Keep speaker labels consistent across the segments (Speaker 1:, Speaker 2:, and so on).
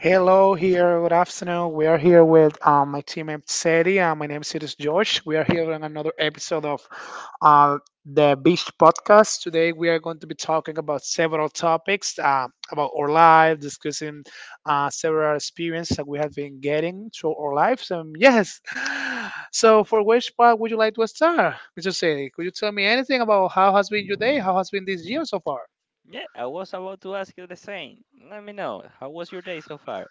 Speaker 1: Hello, here. Good afternoon. We are here with my teammate Seti, and my name is Sirius Josh. We are here on another episode of uh, the Beach Podcast. Today, we are going to be talking about several topics about our life, discussing several experiences that we have been getting through our lives. Yes. So, for which part would you like to start, Mr. Seti? Could you tell me anything about how has been your day? How has been this year so far?
Speaker 2: Yeah, I was about to ask you the same. Let me know. How was your day so far?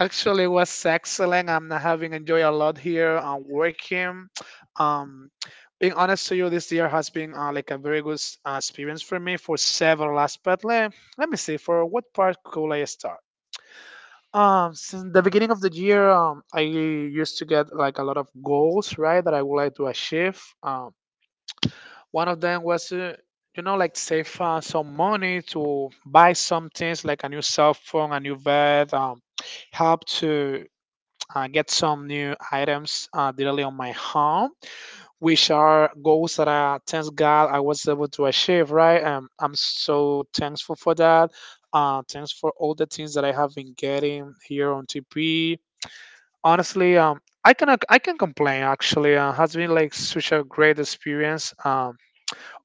Speaker 1: Actually, it was excellent. I'm having enjoyed a lot here. I'm working. Um, Being honest to you, this year has been like a very good experience for me for several aspects. Let me see. For what part could I start? Since the beginning of the year, I used to get like a lot of goals, right, that I would like to achieve. One of them was, like save some money to buy some things like a new cell phone, a new bed, help to get some new items directly on my home, which are goals that I thanks God I was able to achieve. Right, I'm so thankful for that. Thanks for all the things that I have been getting here on TP. Honestly, I can complain. Actually, has been like such a great experience.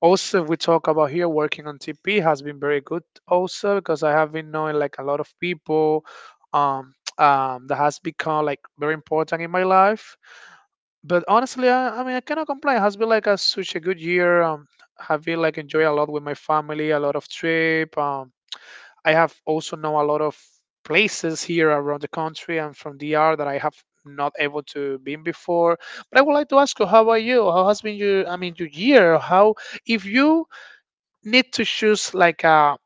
Speaker 1: Also, if we talk about here working on TP has been very good also because I have been knowing like a lot of people that has become like very important in my life. But honestly, I mean, I cannot complain. It has been like a, such a good year. Have been like enjoy a lot with my family, a lot of trip. I have also know a lot of places here around the country and from DR that I have not able to been before. But I would like to ask you, how about you? How has been your, I mean, your year? How if you need to choose like a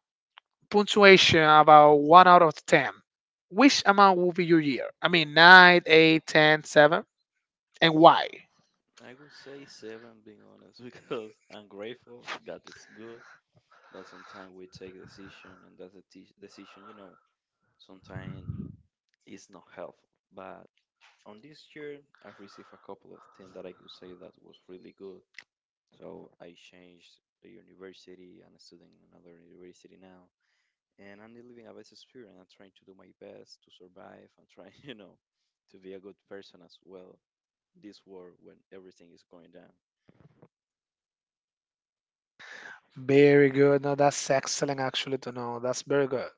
Speaker 1: punctuation about one out of ten, which amount will be your year? I mean, nine, eight, ten, seven, and why?
Speaker 2: I would say seven, being honest, because I'm grateful. God is good, but sometimes we take decision, and that's a decision. Sometimes it's not helpful. But on this year, I've received a couple of things that I could say that was really good. So I changed the university. I'm studying in another university now. And I'm living a best experience. I'm trying to do my best to survive. I'm trying, to be a good person as well. This world when everything is going down.
Speaker 1: Very good. No, that's excellent actually to know. That's very good.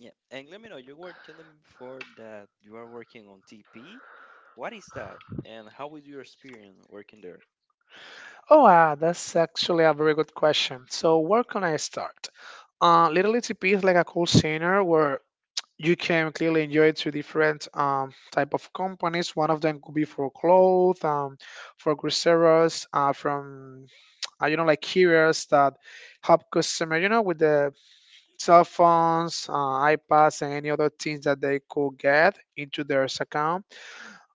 Speaker 2: Yeah, and let me know. You were telling me before that you are working on TP. What is that, and how is your experience working there?
Speaker 1: Oh, that's actually a very good question. So, where can I start? Little ETP is like a call center where you can clearly enjoy two different type of companies. One of them could be for clothes, for groceries, from you know, like carriers that help customer, you know, with the cell phones, iPads, and any other things that they could get into their account.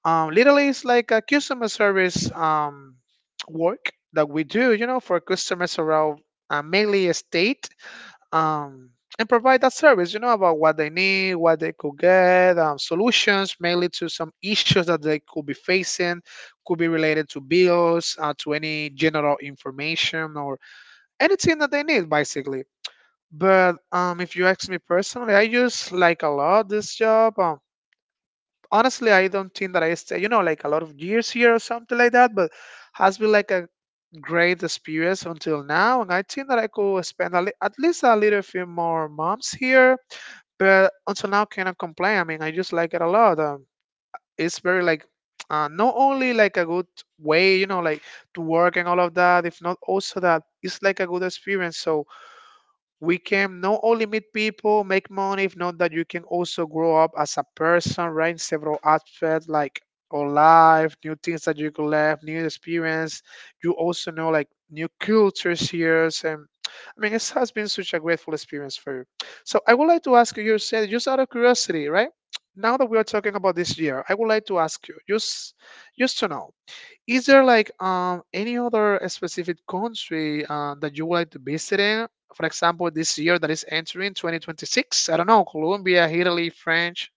Speaker 1: Literally, it's like a customer service work that we do, you know, for customers around mainly a state. Um, and provide that service, you know, about what they need, what they could get, solutions mainly to some issues that they could be facing, could be related to bills, to any general information anything that they need basically. But if you ask me personally, I use like a lot this job. Honestly, I don't think that I stay, you know, like a lot of years here or something like that. But has been like a great experience until now, and I think that I could spend a at least a little few more months here. But until now, cannot complain. I mean, I just like it a lot. It's very like. Not only like a good way, you know, like to work and all of that, if not also that it's like a good experience. So we can not only meet people, make money, if not that you can also grow up as a person, right? In several aspects like or life, new things that you could learn, new experience. You also know like new cultures here. And I mean, it has been such a grateful experience for you. So I would like to ask you, you said just out of curiosity, right? Now that we are talking about this year, I would like to ask you, just to know, is there like any other specific country that you would like to visit in? For example, this year that is entering 2026. I don't know, Colombia, Italy, French.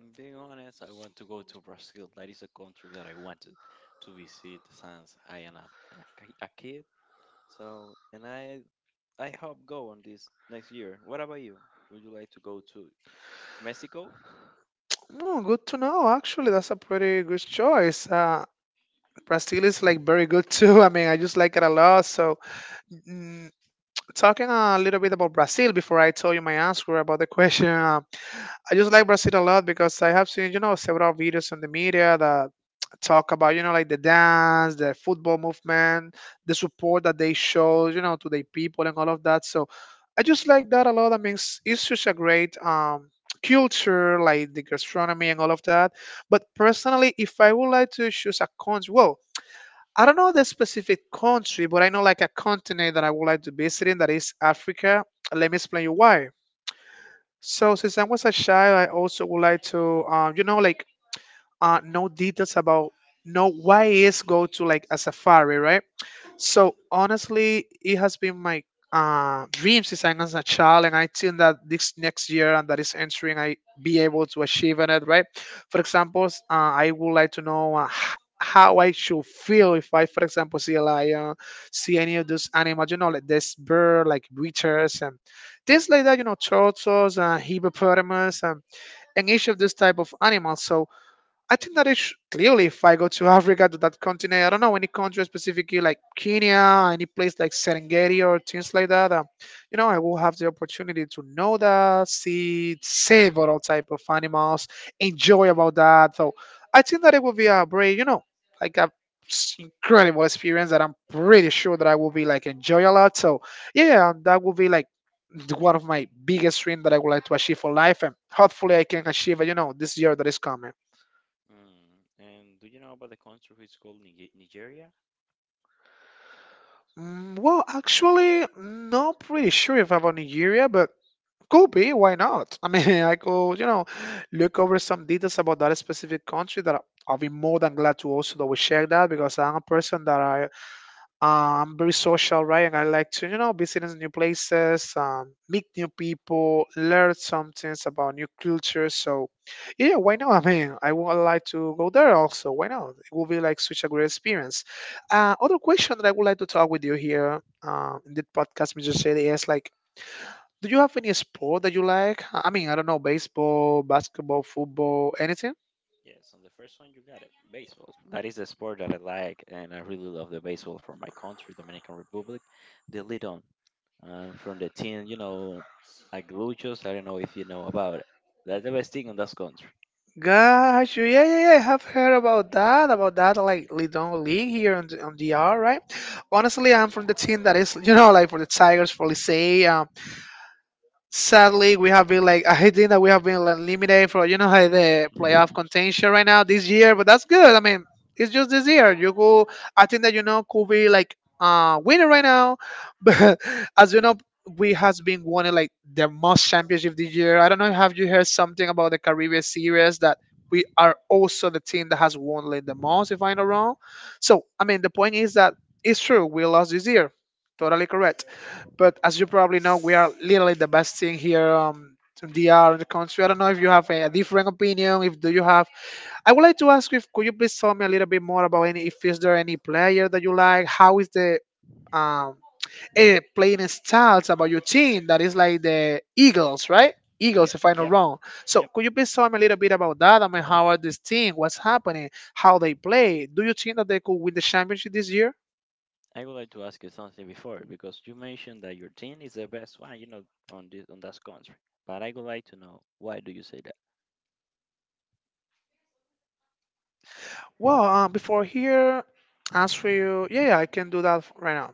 Speaker 2: Mm, being honest, I want to go to Brazil. That is a country that I wanted to visit since I am a kid. So, and I hope go on this next year. What about you? Would you like to go to Mexico?
Speaker 1: Oh, good to know. Actually, that's a pretty good choice. Brazil is like very good too. I mean, I just like it a lot. So, mm, talking a little bit about Brazil before I tell you my answer about the question. I just like Brazil a lot because I have seen, you know, several videos on the media that talk about, you know, like the dance, the football movement, the support that they show, you know, to their people and all of that. So I just like that a lot. I mean, it's such a great culture, like the gastronomy and all of that. But personally, if I would like to choose a country, well, I don't know the specific country, but I know like a continent that I would like to visit in that is Africa. Let me explain you why. So since I was a child, I also would like to, like know details about know why is go to like a safari, right? So honestly, it has been my dream since I was a child, and I think that this next year and that is entering, I be able to achieve in it. Right? For example, I would like to know how I should feel if I, for example, see a lion, see any of those animals, you know, like this bird, like witches and things like that, you know, turtles, hippopotamus, and each of those type of animals. So I think that is clearly if I go to Africa to that continent, I don't know any country specifically like Kenya, any place like Serengeti or things like that. You know, I will have the opportunity to know that, see several type of animals, enjoy about that. So I think that it will be a very, you know, like a incredible experience that I'm pretty sure that I will be like enjoy a lot. So yeah, that will be like one of my biggest dreams that I would like to achieve for life, and hopefully I can achieve it. You know, this year that is coming.
Speaker 2: Mm. And do you know about the country which is called Nigeria?
Speaker 1: Well, actually, not pretty sure if about Nigeria, but could be. Why not? I mean, I could, you know, look over some details about that specific country I'll be more than glad to also double check that because I'm a person that I very social, right? And I like to, you know, visit in new places, meet new people, learn some things about new cultures. So, yeah, why not? I mean, I would like to go there also. Why not? It will be like such a great experience. Other question that I would like to talk with you here in the podcast, Mr. Shady, is like, do you have any sport that you like? I mean, I don't know, baseball, basketball, football, anything?
Speaker 2: Yes, on the first one you got baseball. That is a sport that I like, and I really love the baseball from my country, Dominican Republic. The lead on from the team, you know, Aguiluchos. I don't know if you know about it. That's the best thing in that country.
Speaker 1: Gosh, yeah, I have heard about that, like Lidon League here on the, on DR, right? Honestly, I'm from the team that is, you know, like for the Tigers, for Licey. Sadly we have been like I think that we have been eliminated for you know like the playoff contention right now this year, but that's good. I mean, it's just this year. You go I think that you know could be like winner right now. But as you know, we has been winning like the most championship this year. I don't know have you heard something about the Caribbean series that we are also the team that has won like the most if I'm not wrong. So I mean the point is that it's true, we lost this year. Totally correct. But as you probably know, we are literally the best team here in the in the country. I don't know if you have a different opinion. If do you have, I would like to ask if could you please tell me a little bit more about any if is there any player that you like? How is the um playing styles about your team that is like the Eagles, right? Eagles, if I'm not wrong. So could you please tell me a little bit about that? I mean, how are this team? What's happening? How they play? Do you think that they could win the championship this year?
Speaker 2: I would like to ask you something before because you mentioned that your team is the best one, you know, on that country. But I would like to know why do you say.
Speaker 1: Well, before here, answer you. Yeah, yeah, I can do that right now.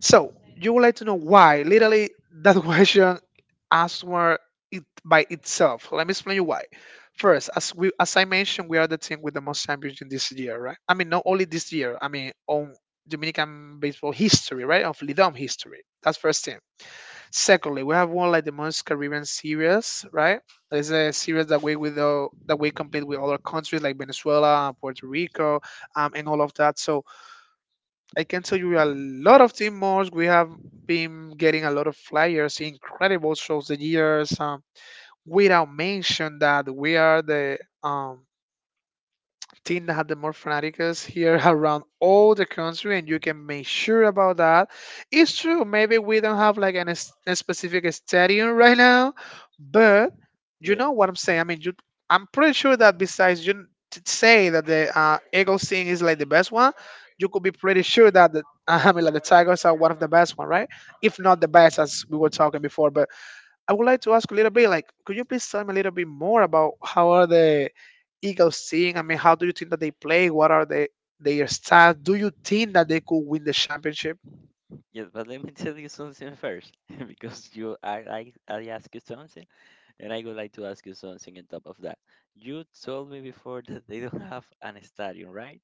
Speaker 1: So you would like to know why? Literally, that question answer it by itself. Let me explain you why. First, as I mentioned, we are the team with the most championship this year, right? I mean, not only this year. I mean, on Dominican baseball history, right? Of Lidom history. That's first thing. Secondly, we have one like the most Caribbean series, right? That is a series that we with the that we compete with other countries like Venezuela, Puerto Rico, and all of that. So I can tell you a lot of team more. We have been getting a lot of flyers, incredible shows the years. Without mention that we are the team that had the more fanaticals here around all the country, and you can make sure about that. It's true, maybe we don't have like an, a specific stadium right now, but you know what I'm saying. I mean, you, I'm pretty sure that besides you say that the Eagles team is like the best one, you could be pretty sure that the I mean, like the Tigers are one of the best one, right? If not the best, as we were talking before. But I would like to ask a little bit, like, could you please tell me a little bit more about how are the Eagles seeing? I mean, how do you think that they play? What are they, their stats? Do you think that they could win the championship?
Speaker 2: Yes, but let me tell you something first, because you I ask you something, and I would like to ask you something on top of that. You told me before that they don't have an stadium, right?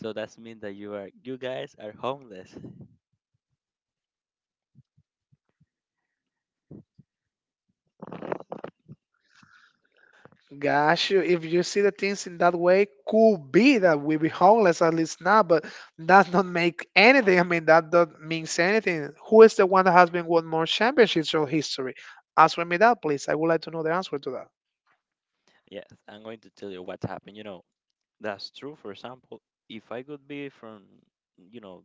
Speaker 2: So that's mean that you guys are homeless.
Speaker 1: Gosh, if you see the things in that way, could be that we be homeless at least now, but that don't make anything. I mean, that don't means anything. Who is the one that has been won more championships in history? Answer me that, please. I would like to know the answer to that.
Speaker 2: Yes, I'm going to tell you what happened. You know, that's true. For example, if I could be from, you know,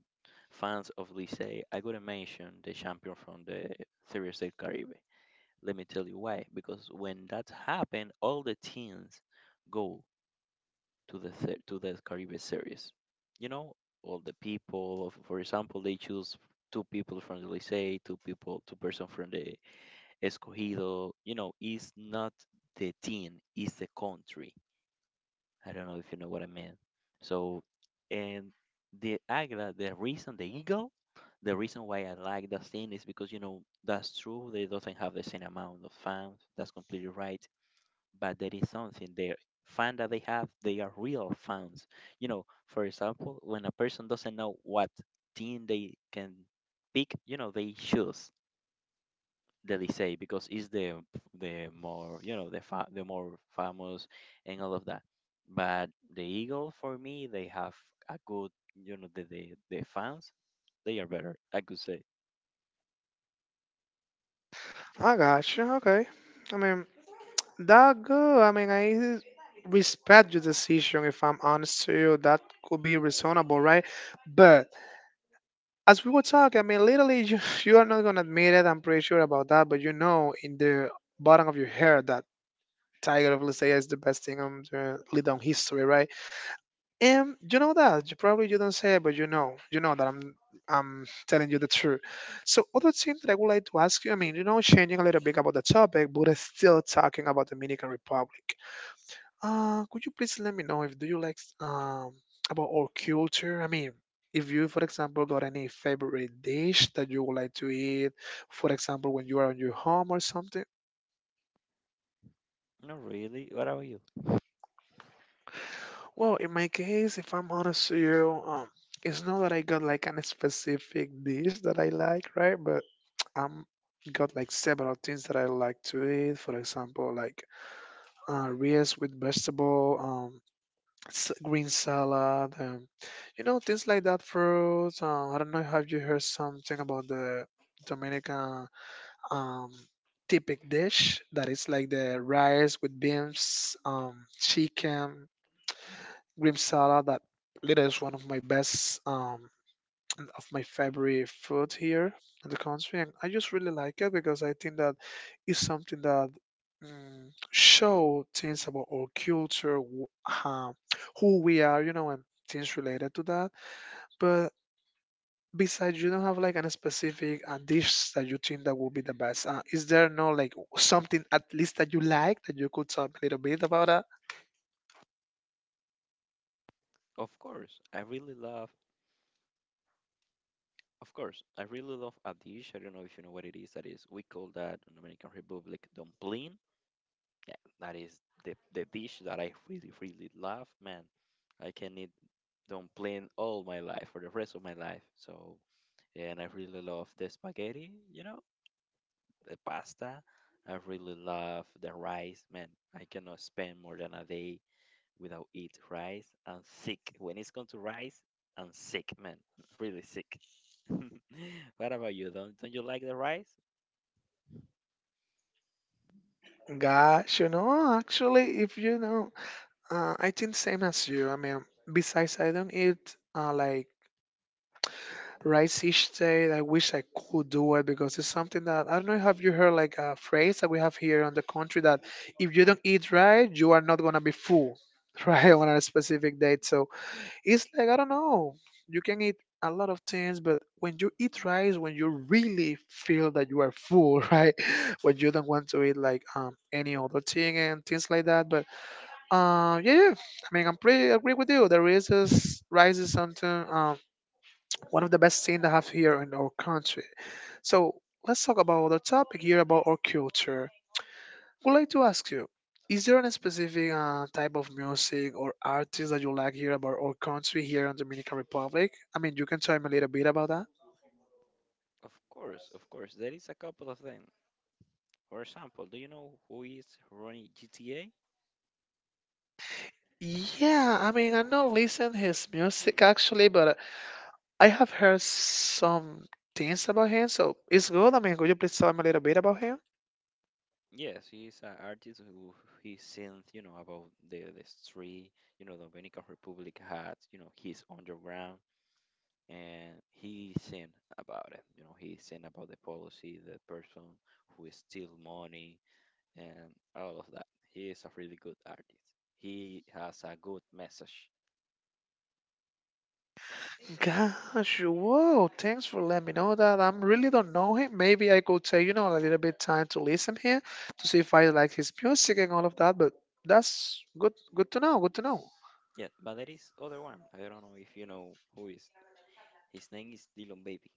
Speaker 2: fans of Licey, I could mention the champion from the Series A Caribe. Let me tell you why. Because when that happened, all the teams go to the Caribe series. You know, all the people. For example, they choose two people from the Licey, two people, two-person from the Escogido. You know, it's not the team, it's the country. I don't know if you know what I mean. So, and the Águila, the reason the eagle, the reason why I like that scene is because you know that's true. They doesn't have the same amount of fans. That's completely right, but there is something. Their fan that they have, they are real fans. You know, for example, when a person doesn't know what team they can pick, you know, they choose the they because it's the more, you know, the more famous and all of that. But the eagle for me, they have a good, you know, the fans, they are better, I could say.
Speaker 1: I gotcha. Okay. I mean, that good. I mean, I respect your decision. If I'm honest to you, that could be reasonable, right? But as we were talking, I mean, literally, you, you are not gonna admit it. I'm pretty sure about that. But you know, in the bottom of your hair, that Tiger of Lisea is the best thing on the lead on history, right? You know that you probably you don't say it, but you know that I'm telling you the truth. So other thing that I would like to ask you, I mean, you know, changing a little bit about the topic, but it's still talking about Dominican Republic. Could you please let me know if do you like about our culture? I mean, if you, for example, got any favorite dish that you would like to eat, for example, when you are on your home or something.
Speaker 2: Not really. What about you?
Speaker 1: Well, in my case, if I'm honest with you, it's not that I got like an specific dish that I like, right? But I'm got like several things that I like to eat. For example, like rice with vegetable, green salad, you know, things like that. Fruits. I don't know. Have you heard something about the Dominican um, typic dish that is like the rice with beans, chicken, Grim salad that literally is one of my best of my favorite food here in the country, and I just really like it because I think that is something that show things about our culture who we are, you know, and things related to that. But besides you don't have like a specific dish that you think that will be the best, is there no like something at least that you like that you could talk a little bit about that?
Speaker 2: Of course, I really love. Of course, I really love a dish. I don't know if you know what it is. That is, we call that in Dominican Republic dumpling. Yeah, that is the dish that I really really love. Man, I can eat dumpling all my life for the rest of my life. So, and I really love the spaghetti. You know, the pasta. I really love the rice. Man, I cannot spend more than a day without eat rice and sick. When it's going to rice, I'm sick, man. Really sick. What about you? Don't you like the rice?
Speaker 1: Gosh, you know, actually, if you know, I think same as you. I mean, besides, I don't eat like rice each day. I wish I could do it because it's something that I don't know. Have you heard like a phrase that we have here on the country that if you don't eat right, you are not gonna be full, right, on a specific date. So it's like I don't know. You can eat a lot of things, but when you eat rice, when you really feel that you are full, right, when you don't want to eat like any other thing and things like that. But yeah, yeah. I mean, I'm pretty agree with you. The rice is something. One of the best things to have here in our country. So let's talk about our topic here about our culture. Would like to ask you, is there any specific type of music or artist that you like here about our country here in Dominican Republic? I mean, you can tell me a little bit about that.
Speaker 2: Of course, of course. There is a couple of them. For example, do you know who is running GTA?
Speaker 1: Yeah, I mean, I don't listen his music actually, but I have heard some things about him, so it's good. I mean, could you please tell me a little bit about him?
Speaker 2: Yes, he is an artist who he sings, you know, about the street, you know, Dominican Republic had, you know, he's underground and he sing about it. You know, he sing about the policy, the person who steal money, and all of that. He is a really good artist. He has a good message.
Speaker 1: Gosh, whoa, thanks for letting me know that. I really don't know him. Maybe I could take, you know, a little bit time to listen here to see if I like his music and all of that, but that's good to know, good to know.
Speaker 2: Yeah, but there is other one. I don't know if you know who is. His name is Dylan Baby.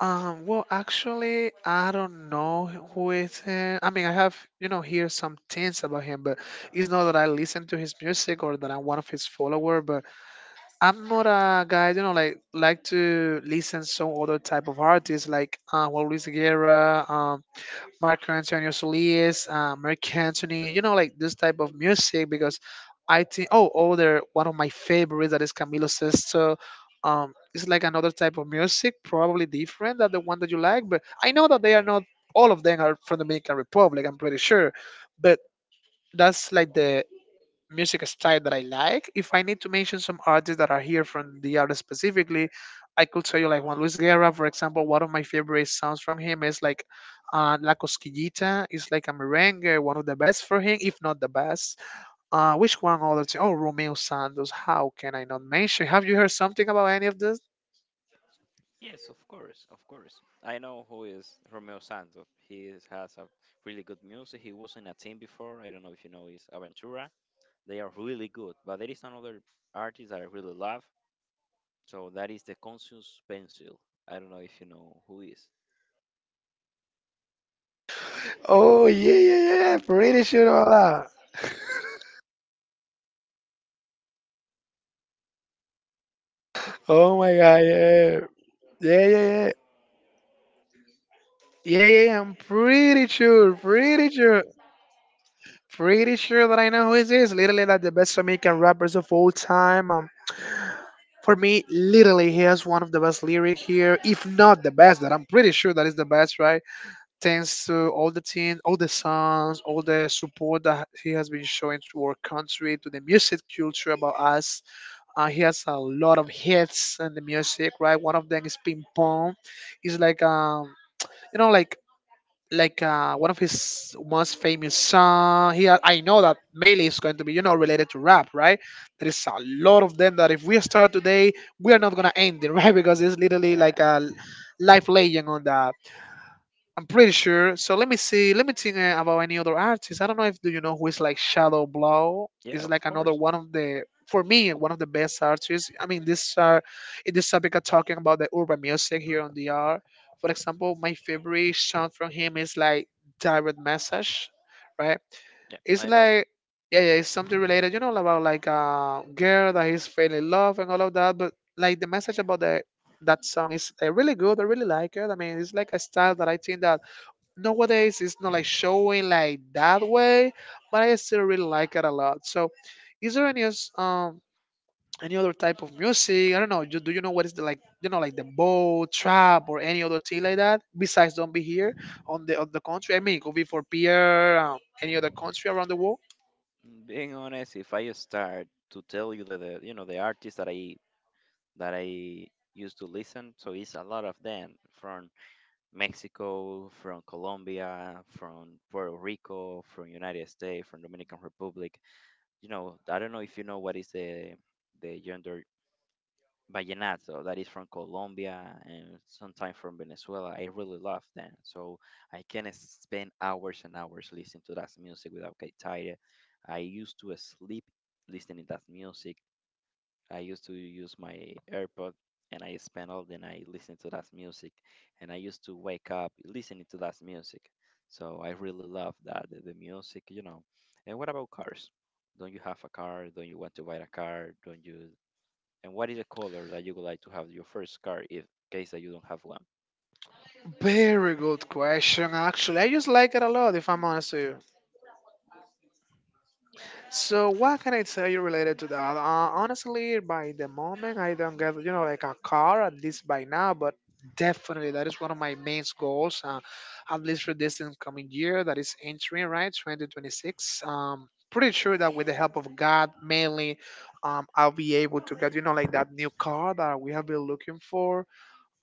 Speaker 1: Well, actually, I don't know who is him. I mean, I have, you know, hear some things about him, but it's not that I listen to his music or that I'm one of his follower, but I'm not a guy, you know, like to listen some other type of artists like Juan Luis Guerra, Mark Antonio Solis, Mark Anthony, you know, like this type of music because I think, oh, other one of my favorites that is Camilo Sesto. It's like another type of music, probably different than the one that you like, but I know that they are not all of them are from Dominican Republic. I'm pretty sure, but that's like the music style that I like. If I need to mention some artists that are here from the area specifically, I could tell you like Juan Luis Guerra, for example. One of my favorite songs from him is like La Cosquillita. It's like a merengue, one of the best for him, if not the best. Which one other thing? Oh, Romeo Santos. How can I not mention? Have you heard something about any of this?
Speaker 2: Yes, of course, of course. I know who is Romeo Santos. He is, has a really good music. He was in a team before. I don't know if you know his Aventura. They are really good. But there is another artist that I really love. So that is the Conscious Pencil. I don't know if you know who is.
Speaker 1: Oh yeah, yeah, yeah. Pretty sure about that. Oh my god, yeah, yeah, yeah, yeah, yeah, yeah, yeah, I'm pretty sure, pretty sure. Pretty sure that I know who this is. Literally, like the best Jamaican rappers of all time. For me, literally, he has one of the best lyric here, if not the best. That I'm pretty sure that is the best, right? Thanks to all the team, all the songs, all the support that he has been showing to our country, to the music culture about us. He has a lot of hits in the music, right? One of them is Ping Pong. It's like you know, one of his most famous song. He, I know that mainly it's going to be, you know, related to rap, right? There is a lot of them that if we start today, we are not gonna end it, right? Because it's literally
Speaker 2: Yeah,
Speaker 1: like a life legend on the I'm pretty sure. So let me see. Let me think about any other artist. I don't know if do you know who is like Shadow Blow.
Speaker 2: yeah,
Speaker 1: Is
Speaker 2: of
Speaker 1: like another
Speaker 2: course.
Speaker 1: one of the for me one of the best artists. I mean, this are in this topic of talking about the urban music here on the R. For example, my favorite song from him is like Direct Message, right?
Speaker 2: Yeah,
Speaker 1: It's
Speaker 2: I know.
Speaker 1: like yeah, yeah, it's something related, you know, about like a girl that he's failing love and all of that. But like the message about the that song is really good. I really like it. I mean, it's like a style that I think that nowadays it's not like showing like that way, but I still really like it a lot. So, is there any else, any other type of music? I don't know. Do you know what is the like you know like the bow trap or any other thing like that besides "Don't Be Here" on the country? I mean, it could be for Pierre, any other country around the world.
Speaker 2: Being honest, if I start to tell you the you know the artists that I used to listen, so it's a lot of them from Mexico, from Colombia, from Puerto Rico, from United States, from Dominican Republic. You know, I don't know if you know what is the genre vallenato that is from Colombia and sometimes from Venezuela. I really love them. So I can spend hours and hours listening to that music without get tired. I used to sleep listening to that music. I used to use my AirPod and I spend all the night listening to that music. And I used to wake up listening to that music. So I really love that the music, you know. And what about cars? Don't you have a car? Don't you want to buy a car? Don't you and what is the color that you would like to have your first car if case that you don't have one?
Speaker 1: Very good question. Actually, I just like it a lot. If I'm honest with you. So what can I tell you related to that? Honestly, by the moment I don't get, you know, like a car at least by now, but definitely that is one of my main goals, at least for this incoming year that is entering right 2026. Pretty sure that with the help of God mainly, I'll be able to get, you know, like that new car that we have been looking for.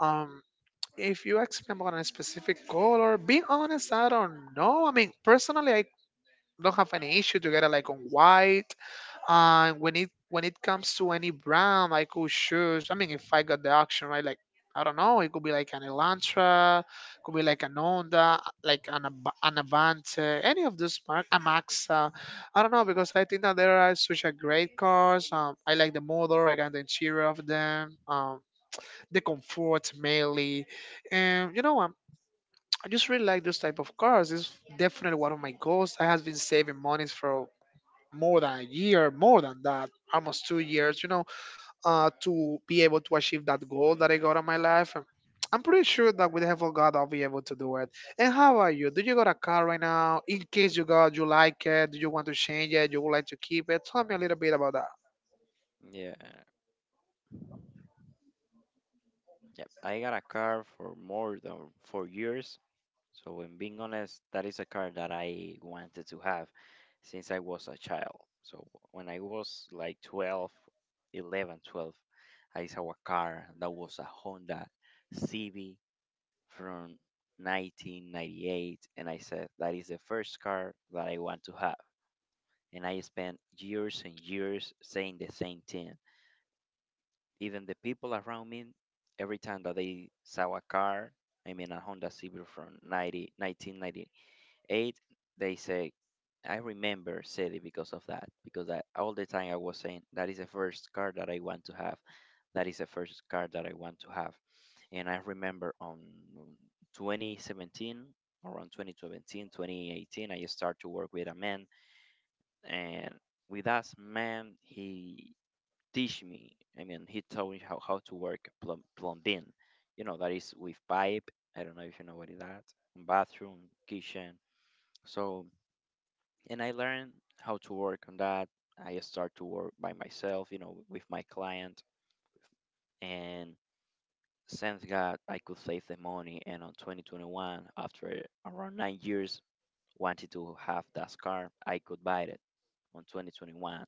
Speaker 1: Um, if you ask me about a specific color, being honest, I don't know. I mean, personally, I don't have any issue to get it like on white. And when it comes to any brand, I could choose. I mean, if I got the option, right? Like I don't know, it could be like an Elantra, could be like an Honda, like an Avante, any of those mark, a Maxa. I don't know because I think that there are such a great cars. I like the motor, I got the interior of them, the comfort mainly, and you know I just really like those type of cars. It's definitely one of my goals. I has been saving monies for more than a year, more than that, almost 2 years, you know, to be able to achieve that goal that I got in my life. And I'm pretty sure that with the help of God, I'll be able to do it. And how are you? Do you got a car right now? In case you got, you like it? Do you want to change it? You would like to keep it? Tell me a little bit about that.
Speaker 2: Yeah, yeah. I got a car for more than 4 years. So, in being honest, that is a car that I wanted to have since I was a child. So, when I was like 12, I saw a car that was a Honda CV from 1998, and I said, that is the first car that I want to have. And I spent years and years saying the same thing. Even the people around me, every time that they saw a car, I mean a Honda Civic from 1998, they say, I remember City because of that. Because I, all the time I was saying, that is the first car that I want to have. That is the first car that I want to have. And I remember on 2017, around 2017, 2018, I started to work with a man. And with us, man, he teach me. I mean, he taught me how to work plumbing. You know, that is with pipe. I don't know if you know what is that. Bathroom, kitchen. So, and I learned how to work on that. I start to work by myself, you know, with my client. And thank God I could save the money. And on 2021, after around 9 years, wanted to have that car, I could buy it on 2021.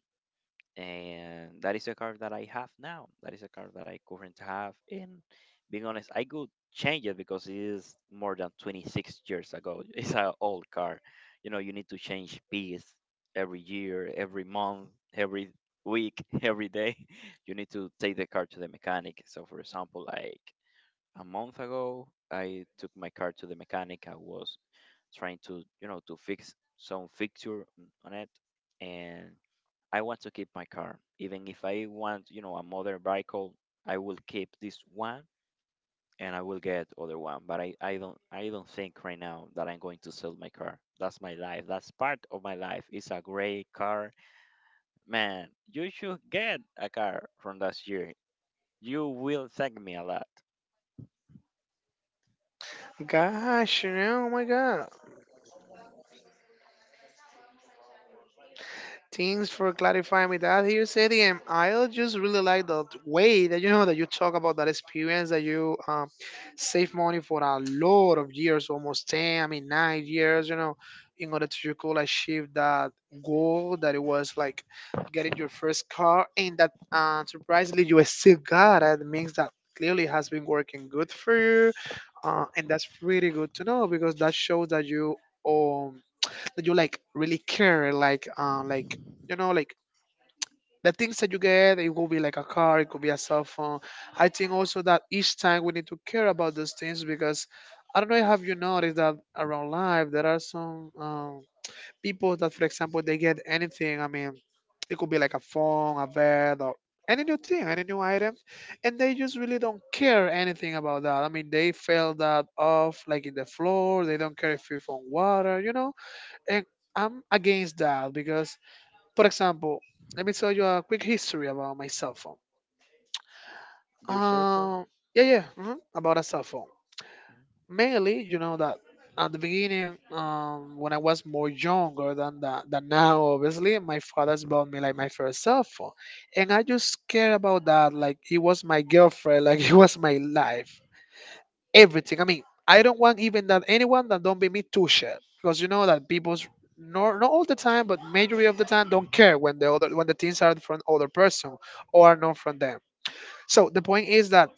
Speaker 2: And that is the car that I have now. That is a car that I currently have. And being honest, I could change it because it is more than 26 years ago. It's an old car. You know, you need to change piece every year, every month, every week, every day. You need to take the car to the mechanic. So, for example, like a month ago, I took my car to the mechanic. I was trying to, you know, to fix some fixture on it. And I want to keep my car. Even if I want, you know, a modern vehicle, I will keep this one and I will get other one. But I don't think right now that I'm going to sell my car. That's my life. That's part of my life. It's a great car. Man, you should get a car from last year. You will thank me a lot.
Speaker 1: Gosh, you know, oh my God. Thanks for clarifying me that here, Sadie. And I just really like the way that you know that you talk about that experience that you save money for a lot of years, almost ten, I mean 9 years, you know, in order to you could achieve that goal that it was like getting your first car, and that surprisingly you still got it. Means that clearly has been working good for you, and that's really good to know because that shows that you. Um, that you like really care like you know like the things that you get, it could be like a car, it could be a cell phone. I think also that each time we need to care about those things because I don't know, have you noticed that around life there are some people that, for example, they get anything. I mean, it could be like a phone, a bed, or any new thing, any new item, and they just really don't care anything about that. I mean, they fell that off like in the floor, they don't care if it's on water, you know. And I'm against that because, for example, let me tell you a quick history about my cell phone.
Speaker 2: Your cell phone?
Speaker 1: Um, yeah, yeah, hmm about a cell phone. Mainly, you know that at the beginning, when I was more younger than that, than now, obviously, my father's bought me like my first cell phone, and I just care about that like it was my girlfriend, like it was my life. Everything. I mean, I don't want even that anyone that don't be me too shit because you know that people's not all the time, but majority of the time don't care when the things are from other person or are not from them. So the point is that.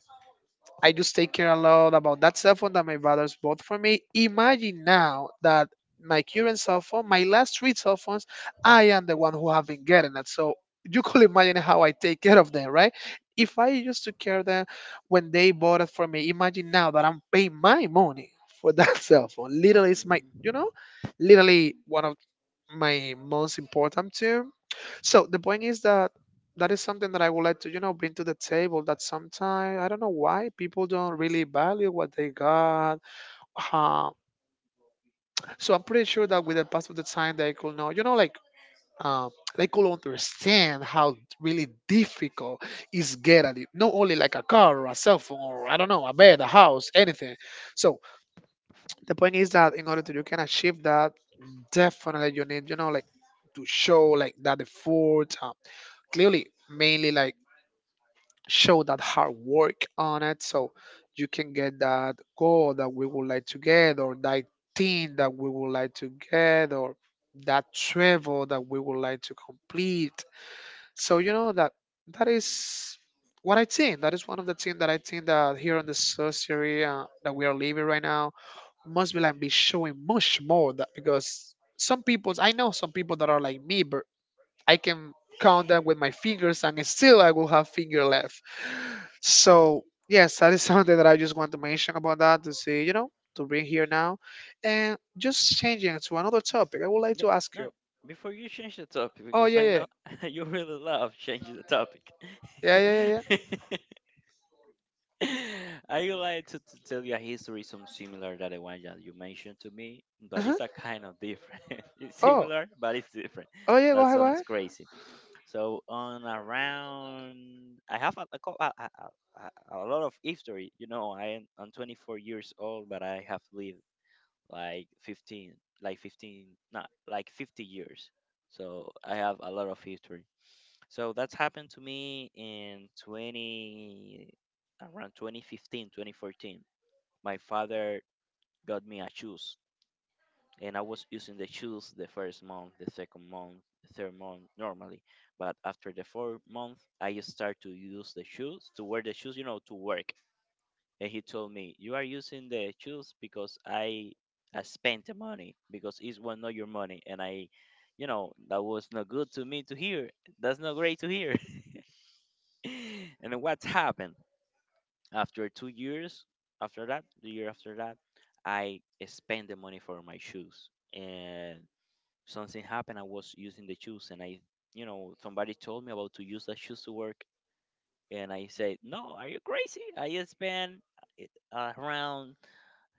Speaker 1: I just take care a lot about that cell phone that my brothers bought for me. Imagine now that my current cell phone, my last three cell phones, I am the one who have been getting it. So you could imagine how I take care of them, right? If I used to care them when they bought it for me, imagine now that I'm paying my money for that cell phone. Literally, it's my, you
Speaker 2: Mhm.
Speaker 1: know, literally one of my most important to. So the point is that that is something that I would like to, you know, bring to the table. That sometimes I don't know why people don't really value what they got. Uh, so I'm pretty sure that with the pass of the time, they could know, you know, like um, they could understand how really difficult is get at it. Not only like a car or a cell phone or I don't know, a bed, a house, anything. So the point is that in order to you can achieve that, definitely you need, you know, like to show like that the effort, clearly mainly like show that hard work on it so you can get that goal that we would like to get, or that thing that we would like to get, or that travel that we would like to complete, so you know that that is what I think that is one of the things that I think that here on the society, that we are living right now, must be like be showing much more that because some people, I know some people that are like me, but I can count them with my fingers and still I will have finger left. So yes, that is something that I just want to mention about that to see, you know, to bring here now. And just changing to another topic, I would like
Speaker 2: Yeah,
Speaker 1: to ask
Speaker 2: no.
Speaker 1: you.
Speaker 2: Before you change the topic,
Speaker 1: Oh,
Speaker 2: because
Speaker 1: yeah,
Speaker 2: I
Speaker 1: yeah.
Speaker 2: know you really love changing the topic.
Speaker 1: Yeah, yeah, yeah, yeah.
Speaker 2: I would like to tell you a history some similar to the one that you mentioned to me, but
Speaker 1: Uh-huh.
Speaker 2: it's a kind of different. It's
Speaker 1: Oh.
Speaker 2: similar, but it's different.
Speaker 1: Oh yeah, go
Speaker 2: That
Speaker 1: ahead, go
Speaker 2: sounds
Speaker 1: ahead.
Speaker 2: crazy. So on around, I have a, co- a lot of history. You know, I'm 24 years old, but I have lived like 15, not like 50 years. So I have a lot of history. So that's happened to me in 20, around 2015, 2014. My father got me a shoes, and I was using the shoes the first month, the second month, the third month normally. But after the fourth month, I just start to wear the shoes, you know, to work. And he told me, "You are using the shoes because I spent the money, because it was not your money." And I, that was not good to me to hear. That's not great to hear. And what happened after 2 years, after that, the year after that, I spent the money for my shoes, and something happened. I was using the shoes and I you know somebody told me about to use the shoes to work. And I said, "No, are you crazy? I spent around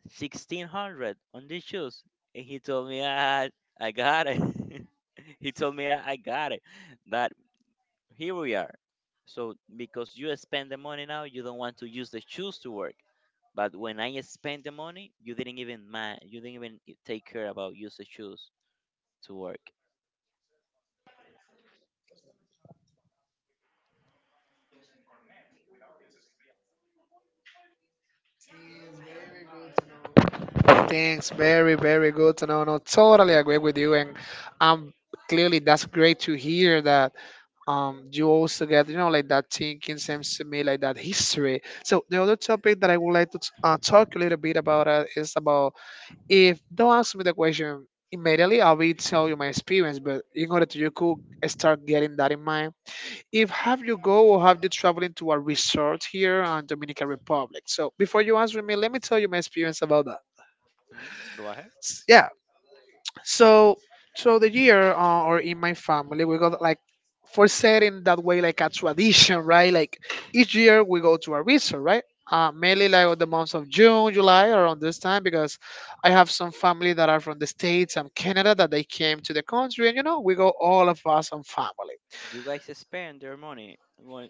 Speaker 2: 1600 on these shoes." And he told me, "I got it." He told me, I got it." That, here we are. So because you spend the money now, you don't want to use the shoes to work. But when I spend the money, you didn't even mind. You didn't even take care about use the shoes to work.
Speaker 1: Thanks. Very, very good to know. No, totally agree with you and um clearly that's great to hear that you also get, you know, like that thinking seems to me like that history. So the other topic that I would like to talk a little bit about is about, if don't ask me the question immediately I will tell you my experience, but in order to you could start getting that in mind, if have you go or have you traveling to a resort here on Dominican Republic. So before you answer me, let me tell you my experience about that.
Speaker 2: Hmm. Go ahead. Uh,
Speaker 1: Yeah, so, so the year or in my family, we got like, for setting that way, like a tradition, right? Like each year we go to a resort, right? Mainly like on the months of June, July, around this time, because I have some family that are from the states and Canada that they came to the country, and you know we go all of us on family.
Speaker 2: You guys spend their money.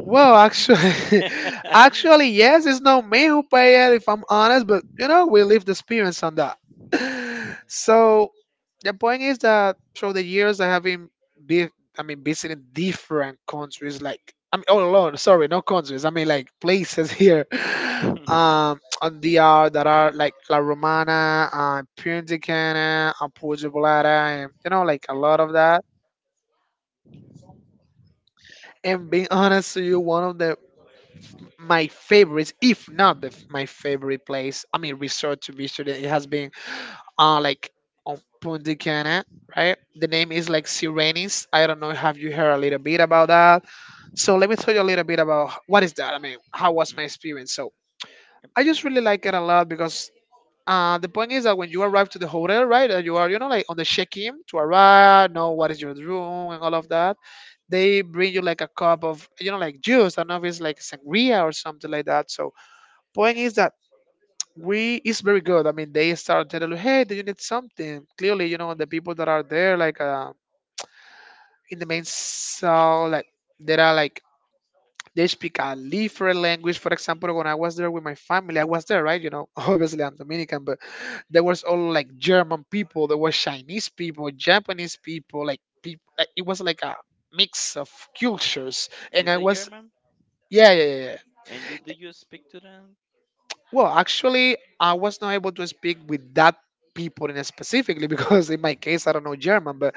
Speaker 1: Well, actually, actually, yes, it's not me who pay it, if I'm honest, but you know, we live the experience on that. So the point is that through the years, I have been, be, I mean, visiting different countries, like I mean, oh Lord, sorry, no countries, I mean like places here, on DR that are like La Romana, Pyrenticana, Apuja and you know, like a lot of that. And being honest to you, one of the my favorites, if not my favorite place, I mean, resort to visit, it has been like on Punta Cana, right? The name is like Sirenis. I don't know. Have you heard a little bit about that? So let me tell you a little bit about what is that. I mean, how was my
Speaker 2: hmm
Speaker 1: experience? So I just really like it a lot because. The point is that when you arrive to the hotel, right, that you are, you know, like on the check-in to arrive, know what is your room and all of that, they bring you like a cup of, you know, like juice, I don't know if it's like sangria or something like that. So point is that we is very good. I mean, they start telling you, "Hey, do you need something?" Clearly, you know the people that are there, like in the main cell, like there are like they speak a different language. For example, when I was there with my family, I was there, right? You know, obviously I'm Dominican, but there was all like German people, there was Chinese people, Japanese people. Like, it was like a mix of cultures, and
Speaker 2: You
Speaker 1: I
Speaker 2: say
Speaker 1: was
Speaker 2: German,
Speaker 1: yeah, yeah, yeah, yeah.
Speaker 2: and you do you speak to them?
Speaker 1: Well, actually, I was not able to speak with that people in specifically because in my case I don't know German, but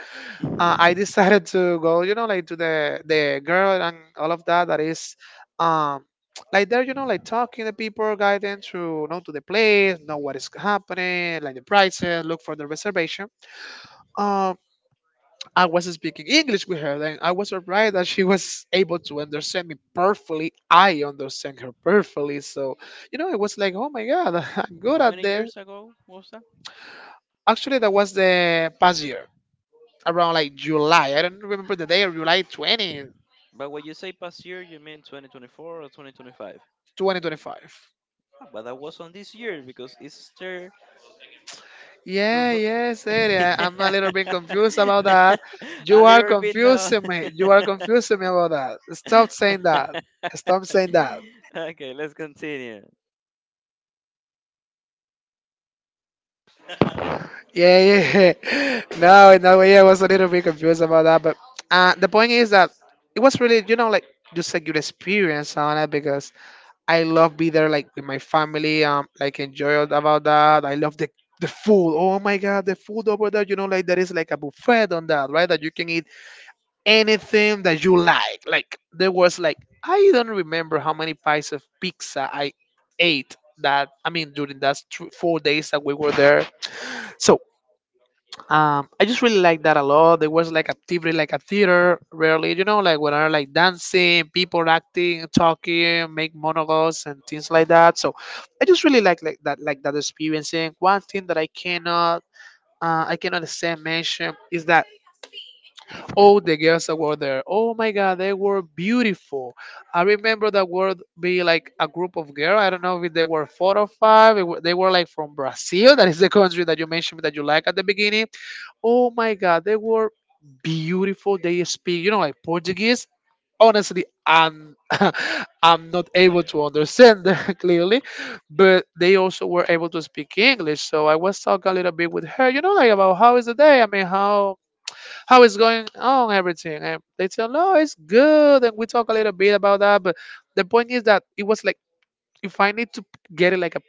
Speaker 1: I decided to go, you know, like to the girl and all of that that is, um, like there, you know, like talking to people, guiding to know to the place, know what is happening, like the prices, look for the reservation. Um, I was speaking English with her, and I was surprised that she was able to understand me perfectly. I understand her perfectly. So, you know, it was like, oh my God, I'm good
Speaker 2: How
Speaker 1: at
Speaker 2: many
Speaker 1: this.
Speaker 2: years ago was that?
Speaker 1: Actually, that was the past year, around like July. I don't remember the day, July 20th,
Speaker 2: But when you say past year, you mean 2024 or 2025?
Speaker 1: 20, 2025.
Speaker 2: Ah, but that was on this year because it's still
Speaker 1: Yeah,
Speaker 2: February.
Speaker 1: yes, yeah, I'm a little bit confused about that.
Speaker 2: A
Speaker 1: You are
Speaker 2: little bit now.
Speaker 1: confusing me. You are confusing me about that. Stop saying that. Stop saying that.
Speaker 2: Okay, let's continue.
Speaker 1: Yeah, yeah. No, no, yeah, I was a little bit confused about that, but the point is that it was really, like just a good experience on it because I love be there like with my family, like enjoy all about that. I love the food. Oh my God, the food over there, like there is like a buffet on that, right? That you can eat anything that you like. Like there was like I don't remember how many pies of pizza I ate that I mean during that 4 days that we were there. So I just really like that a lot. There was like activity, like a theater, rarely, like when I like dancing, people acting, talking, make monologues and things like that. So I just really like that, like that experiencing. One thing that I cannot stand mention is that all the girls that were there, oh my god, they were beautiful. I remember that were be like a group of girls. I don't know if they were four or five. They were like from Brazil, that is the country that you mentioned that you like at the beginning. Oh my God, they were beautiful. They speak, like Portuguese. Honestly, I'm I'm not able to understand them clearly, but they also were able to speak English. So I was talking a little bit with her, like about how is the day. I mean, how is going on everything, and they tell, no, it's good, and we talk a little bit about that. But the point is that it was like if I need to get it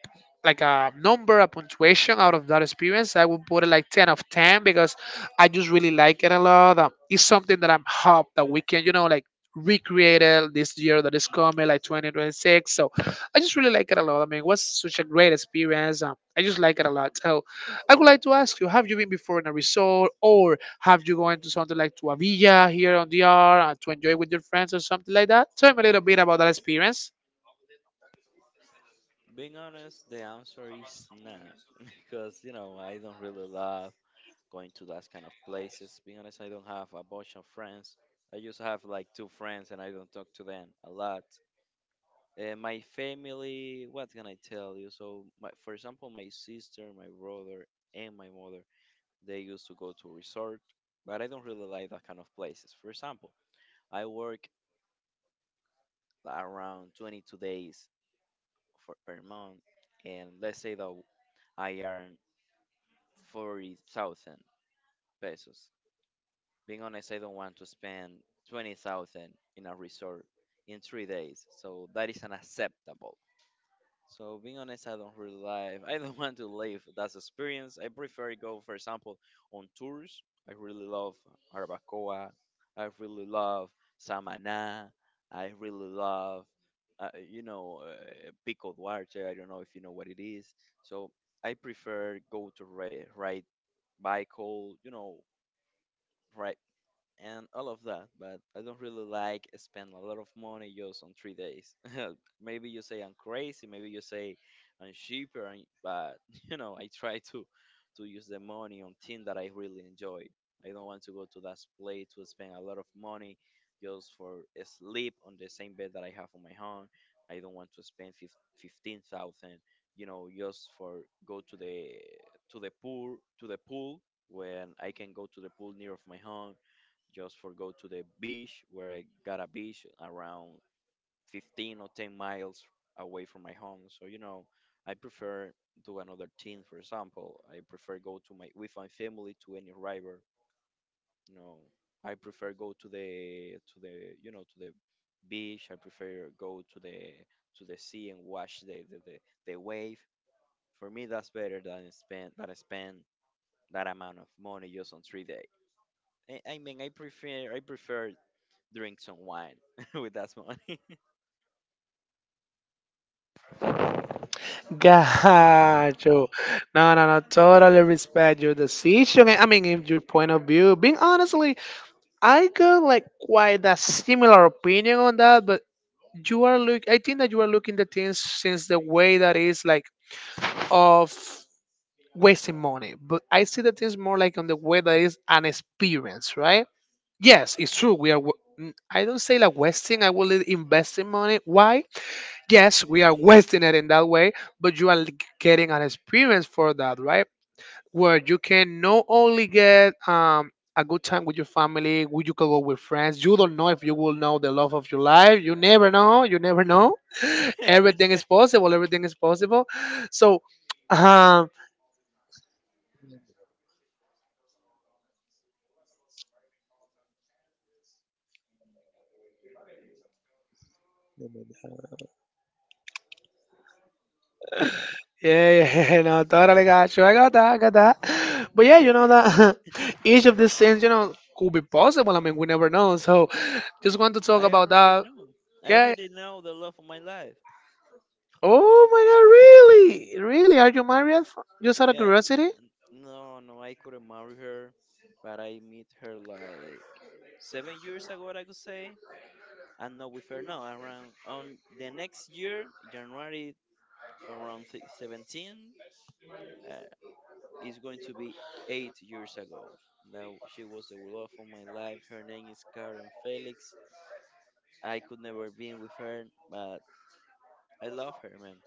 Speaker 1: like a number, a punctuation out of that experience, I would put it like ten of ten because I just really like it a lot. It's something that I'm hope that we can, like recreate it this year that is coming, like 2026. So I just really like it a lot. I mean, it was such a great experience. I just like it a lot. So I would like to ask you: Have you been before in a resort, or have you gone to something like to a villa here on the R to enjoy with your friends or something like that? Tell me a little bit about that experience.
Speaker 2: Being honest, the answer is not, because I don't really love going to those kind of places. Being honest, I don't have a bunch of friends. I just have like two friends, and I don't talk to them a lot. My family, what can I tell you? So, my, for example, my sister, my brother, and my mother, they used to go to resort, but I don't really like that kind of places. For example, I work around 22 days for per month, and let's say that I earn 40,000 pesos. Being honest, I don't want to spend 20,000 in a resort in 3 days, so that is unacceptable. So being honest, I don't really live. I don't want to live that experience. I prefer to go, for example, on tours. I really love Arbacoa. I really love Samaná. I really love, Pico Duarte. I don't know if you know what it is. So I prefer go to ride bicycle, ride and all of that, but I don't really like spend a lot of money just on 3 days. Maybe you say I'm crazy, maybe you say I'm cheaper, but you know I try to use the money on things that I really enjoy. I don't want to go to that place to spend a lot of money just for a sleep on the same bed that I have on my home. I don't want to spend 15,000, just for go to the pool when I can go to the pool near of my home just for go to the beach where I got a beach around 15 or 10 miles away from my home. So I prefer do another thing. For example, I prefer go to my with my family to any river. You know, I prefer go to the beach. I prefer go to the sea and watch the wave. For me, that's better than spend than I spend that amount of money just on 3 days. I mean, I prefer drink some wine with that money.
Speaker 1: Got you. No, no, no. Totally respect your decision. I mean, if your point of view. Being honestly, I got like quite a similar opinion on that, but you are look. I think that you are looking the things since the way that is like of wasting money. But I see the things more like on the way that is an experience, right? Yes, it's true. We are. I don't say like wasting. I will investing money. Why? Yes, we are wasting it in that way, but you are getting an experience for that, right? Where you can not only get a good time with your family, who you can go with friends. You don't know if you will know the love of your life. You never know. You never know. Everything is possible. Everything is possible. So, um, yeah, yeah, no, totally got you. I got that, I got that. But yeah, that each of these things, could be possible. I mean, we never know. So just want to talk
Speaker 2: I
Speaker 1: about
Speaker 2: already
Speaker 1: that.
Speaker 2: know. I
Speaker 1: Yeah.
Speaker 2: already know the love of my life.
Speaker 1: Oh my god, really? Really? Are you married? Just out of
Speaker 2: Yeah,
Speaker 1: curiosity?
Speaker 2: no, no, I couldn't marry her, but I meet her like 7 years ago, I could say. And not with her, no, around on the next year, January around 17, uh, is going to be 8 years ago. Now she was the love of my life. Her name is Karen Felix. I could never be with her, but I love her, man.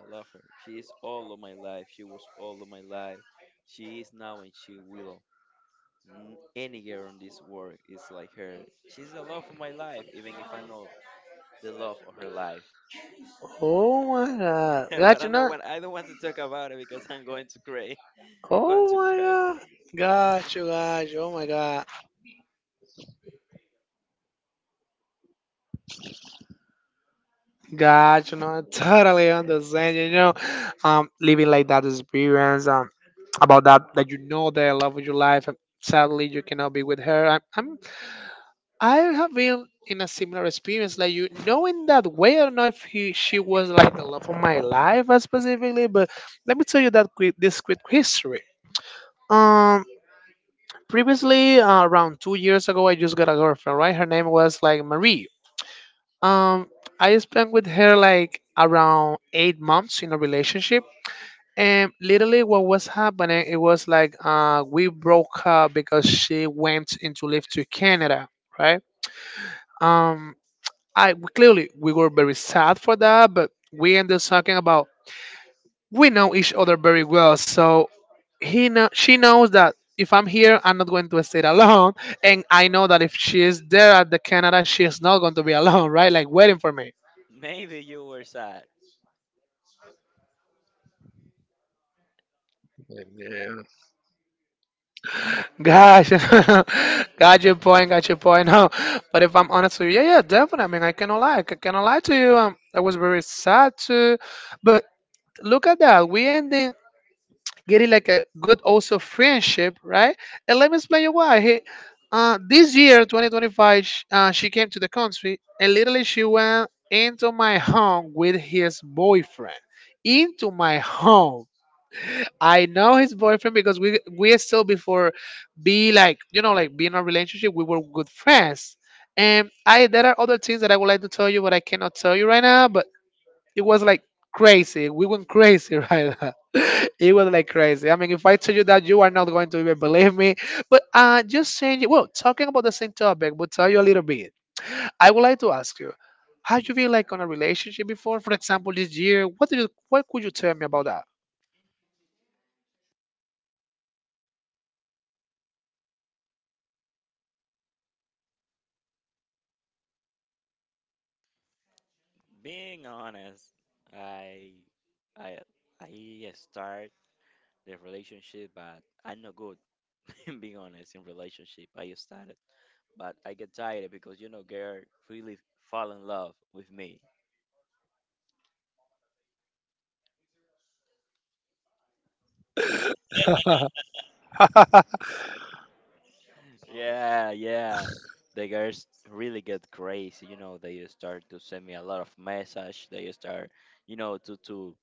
Speaker 2: I love her. She is all of my life. She was all of my life. She is now and she will. Any girl in this world is like her. She's the love of my life, even if I'm not the love of her life.
Speaker 1: Oh my god. Got
Speaker 2: But
Speaker 1: you
Speaker 2: I don't
Speaker 1: not?
Speaker 2: want I don't want to talk about it because I'm going to cry. I'm going
Speaker 1: Oh
Speaker 2: to
Speaker 1: my
Speaker 2: cry.
Speaker 1: god. Got you, got you. Oh my god. Gotcha, no, I totally understand. Living like that experience, about that that the love of your life. And sadly, you cannot be with her. I have been in a similar experience, like you knowing that way. I don't know if she was like the love of my life specifically, but let me tell you that quick, this quick history. Um, Previously, around 2 years ago, I just got a girlfriend. Right, her name was like Marie. Um, I spent with her like around 8 months in a relationship. And literally, what was happening, it was like we broke up because she went into live to Canada, right? Um, I clearly we were very sad for that, but we ended up talking about we know each other very well, so he know she knows that if I'm here, I'm not going to stay alone, and I know that if she is there at the Canada, she is not going to be alone, right? Like waiting for me.
Speaker 2: Maybe you were sad.
Speaker 1: Yeah. Gosh, got your point, got your point. No, but if I'm honest with you, yeah, yeah, definitely. I mean, I cannot lie to you. I was very sad too, but look at that. We ending getting like a good also friendship, right? And let me explain you why. This year, 2025, she came to the country and literally she went into my home with his boyfriend. Into my home I know his boyfriend because we still before be like like being in a relationship we were good friends, and I there are other things that I would like to tell you but I cannot tell you right now, but it was like crazy, we went crazy right now. It was like crazy. I mean, if I tell you that, you are not going to even believe me. But just saying, well, talking about the same topic, but tell you a little bit. I would like to ask you, how you feel like on a relationship before, for example this year, what did you, what could you tell me about that?
Speaker 2: Being honest, I I I start the relationship, but I'm not good. Being honest, in relationship, I started. But I get tired because you know girl really fall in love with me. Yeah, yeah. The girls really get crazy, they start to send me a lot of message. They start, you know, to to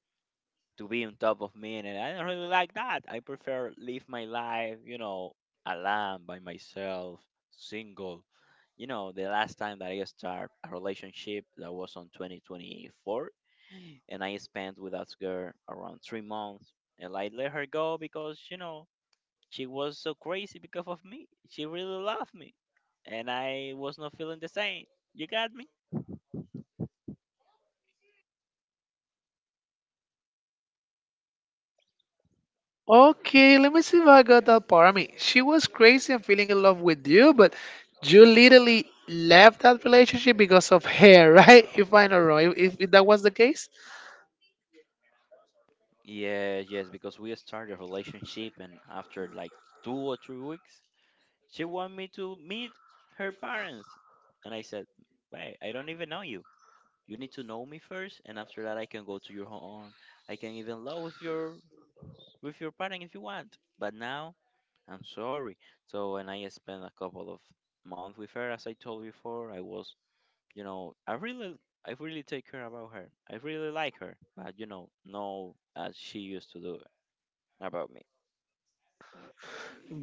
Speaker 2: to be on top of me, and I don't really like that. I prefer live my life, alone by myself, single. The last time that I start a relationship, that was on 2024, and I spent with that girl around 3 months, and I let her go because she was so crazy because of me. She really loved me, and I was not feeling the same. You got me?
Speaker 1: Okay, let me see if I got that part. I mean, she was crazy and feeling in love with you, but you literally left that relationship because of her, right? If I know wrong, if, that was the case.
Speaker 2: Yeah, yes, because we started a relationship, and after like 2 or 3 weeks, she wanted me to meet her parents. And I said, "Wait, I don't even know you. You need to know me first, and after that, I can go to your home. I can even love with your parent if you want. But now, I'm sorry." So, and I spent a couple of months with her, as I told you before. You know, I really, I really take care about her. I really like her, but no as she used to do about me.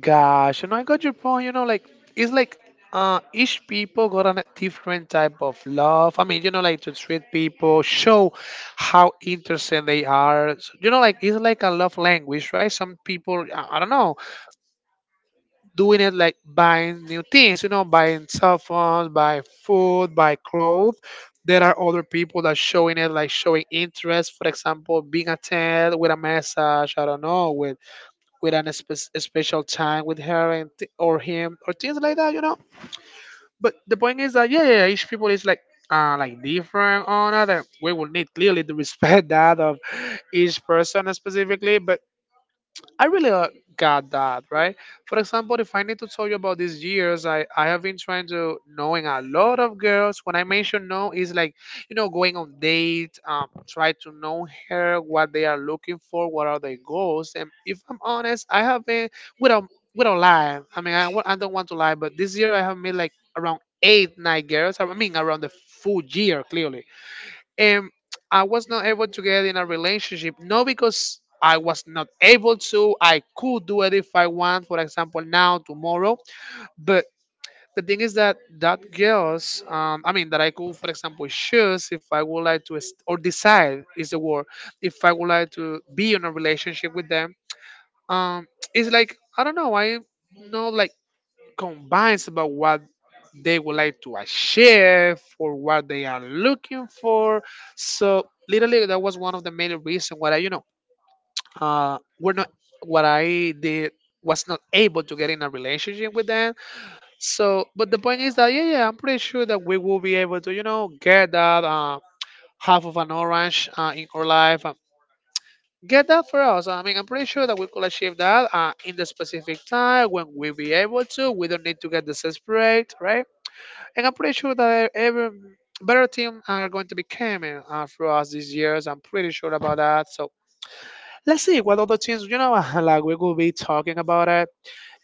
Speaker 1: Gosh, you know, I got your point. You know, like it's like each people got a different type of love. I mean, you know, like to treat people, show how interesting they are. So, you know, like it's like a love language, right? Some people, I don't know, doing it like buying new things, you know, buying cell phones, buy food, buy clothes. There are other people that showing it like showing interest, for example, being attended with a message, I don't know, with an a special time with her and or him or things like that, you know. But the point is that yeah, yeah, each people is like different on that. We will need clearly to respect that of each person specifically, but I really got that, right? For example, if I need to tell you about these years, I have been trying to knowing a lot of girls. When I mention no, is like, you know, going on date, try to know her, what they are looking for, what are their goals. And if I'm honest, I have been, without, without lie, I don't want to lie, but this year I have met like around eight, nine girls. I mean, around the full year, clearly, and I was not able to get in a relationship. Not because I was not able to. I could do it if I want. For example, now, tomorrow. But the thing is that girls, I mean, that I could, for example, choose if I would like to, or decide is the word, if I would like to be in a relationship with them. Um, it's like I don't know. I know like combines about what they would like to achieve or what they are looking for. So literally, that was one of the main reasons why I, you know, we're not what I did was not able to get in a relationship with them. So, but the point is that yeah, yeah, I'm pretty sure that we will be able to, you know, get that half of an orange in our life. Get that for us. I mean, I'm pretty sure that we could achieve that in the specific time when we be able to. We don't need to get desperate, right? And I'm pretty sure that every better team are going to be coming throughout these years. I'm pretty sure about that. So let's see what other teams, like we could be talking about it.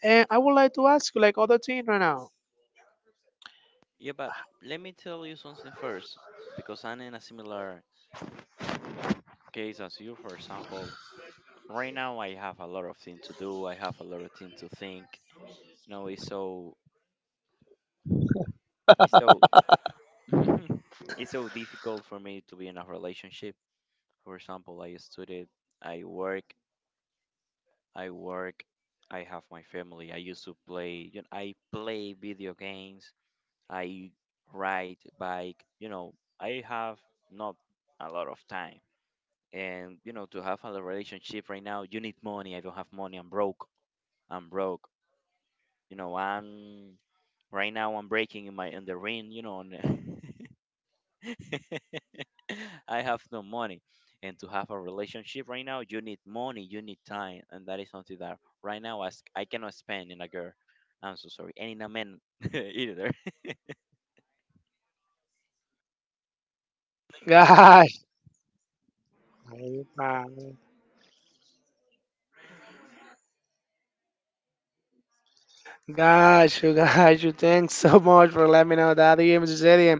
Speaker 1: And I would like to ask you, like, other team right now.
Speaker 2: Yeah, but let me tell you something first, because I'm in a similar case as you. For example, right now I have a lot of things to do. I have a lot of things to think. You know, it's so, it's so difficult for me to be in a relationship. For example, I studied, I work, I work, I have my family. I used to play, I play video games. I ride bike. I have not a lot of time, and to have a relationship right now, you need money. I don't have money. I'm broke. I'm broke. I'm right now. I'm breaking in my in the ring. And I have no money. And to have a relationship right now, you need money. You need time, and that is something that right now I cannot spend in a girl. I'm so sorry, and in a man either.
Speaker 1: Gosh, man. Gosh, you guys, you thanks so much for letting me know that the game is ready.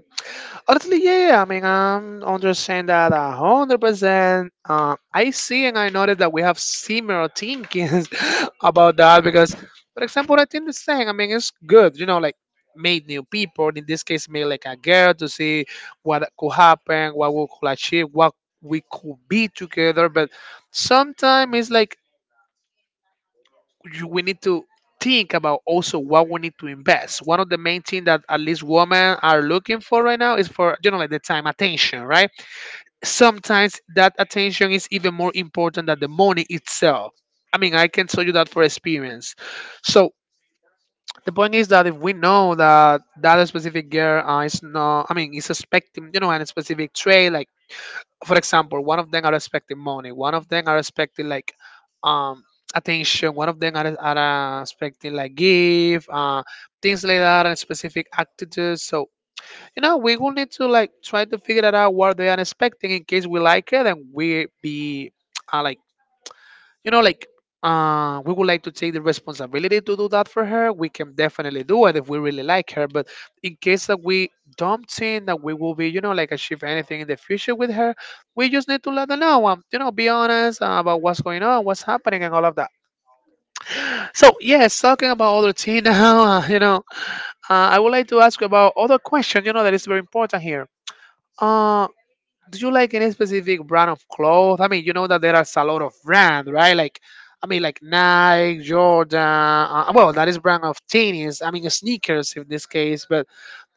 Speaker 1: Honestly, yeah. I mean, I'm understand that 100%. I see and I notice that we have similar thinkings about that because, for example, I think the same. I mean, it's good, you know, like meet new people. In this case, meet like a girl to see what could happen, what we could achieve, what we could be together. But sometimes it's like you, we need to think about also what we need to invest. One of the main things that at least women are looking for right now is for you know like the time attention, right? Sometimes that attention is even more important than the money itself. I mean, I can tell you that for experience. So the point is that if we know that that specific girl is not, I mean, is expecting, you know, a specific trait like for example, one of them are expecting money, one of them are expecting like um attention, one of them are, are expecting like gift, things like that, and specific attitudes. So you know, we will need to like try to figure that out what they are expecting in case we like it and we be like you know, like we would like to take the responsibility to do that for her. We can definitely do it if we really like her. But in case that we don't think that we will be, you know, like achieve anything in the future with her, we just need to let her know, you know, be honest about what's going on, what's happening, and all of that. So yes, talking about other teen now, I would like to ask you about other question, you know, that is very important here. Uh, do you like any specific brand of clothes? I mean, you know that there are a lot of brand, right? Like, I mean, like Nike, Jordan. Well, that is brand of tennis. I mean, sneakers in this case. But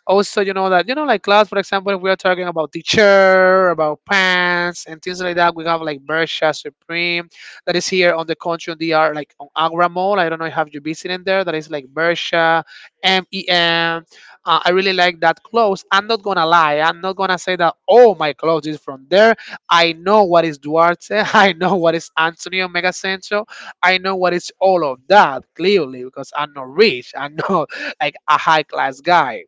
Speaker 1: also you know that you know like class for example if we are talking about the chair about pants and things like that we have like Bershka Supreme that is here on the country on DR like on Agra Mall, I don't know if have you visited there, that is like Bershka MEM. I really like that clothes. I'm not gonna lie. I'm not gonna say that oh my clothes is from there. I know what is Duarte I know what is Antonio Megacentro. I know what is all of that clearly because I'm not rich. I'm not like a high class guy,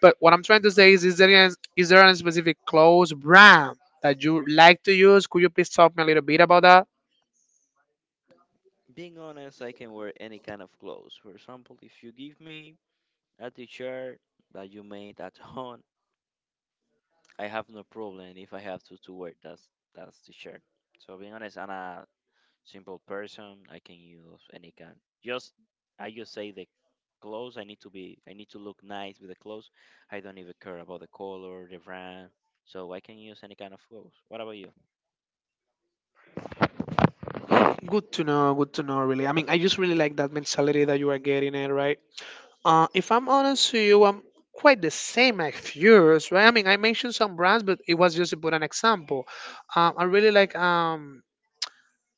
Speaker 1: but what I'm trying to say is, is there any specific clothes brand that you like to use? Could you please talk me a little bit about that?
Speaker 2: Being honest, I can wear any kind of clothes. For example, if you give me a t-shirt that you made at home. I have no problem if I have to wear that t-shirt. So being honest, I'm a simple person. I can use any kind. Just I just say the clothes. I need to be. I need to look nice with the clothes. I don't even care about the color, the brand. So I can use any kind of clothes. What about you?
Speaker 1: Good to know. Good to know. Really, I mean, I just really like that mentality that you are getting it right. If I'm honest with you, I'm quite the same as yours, right? I mean, I mentioned some brands, but it was just to put an example. I really like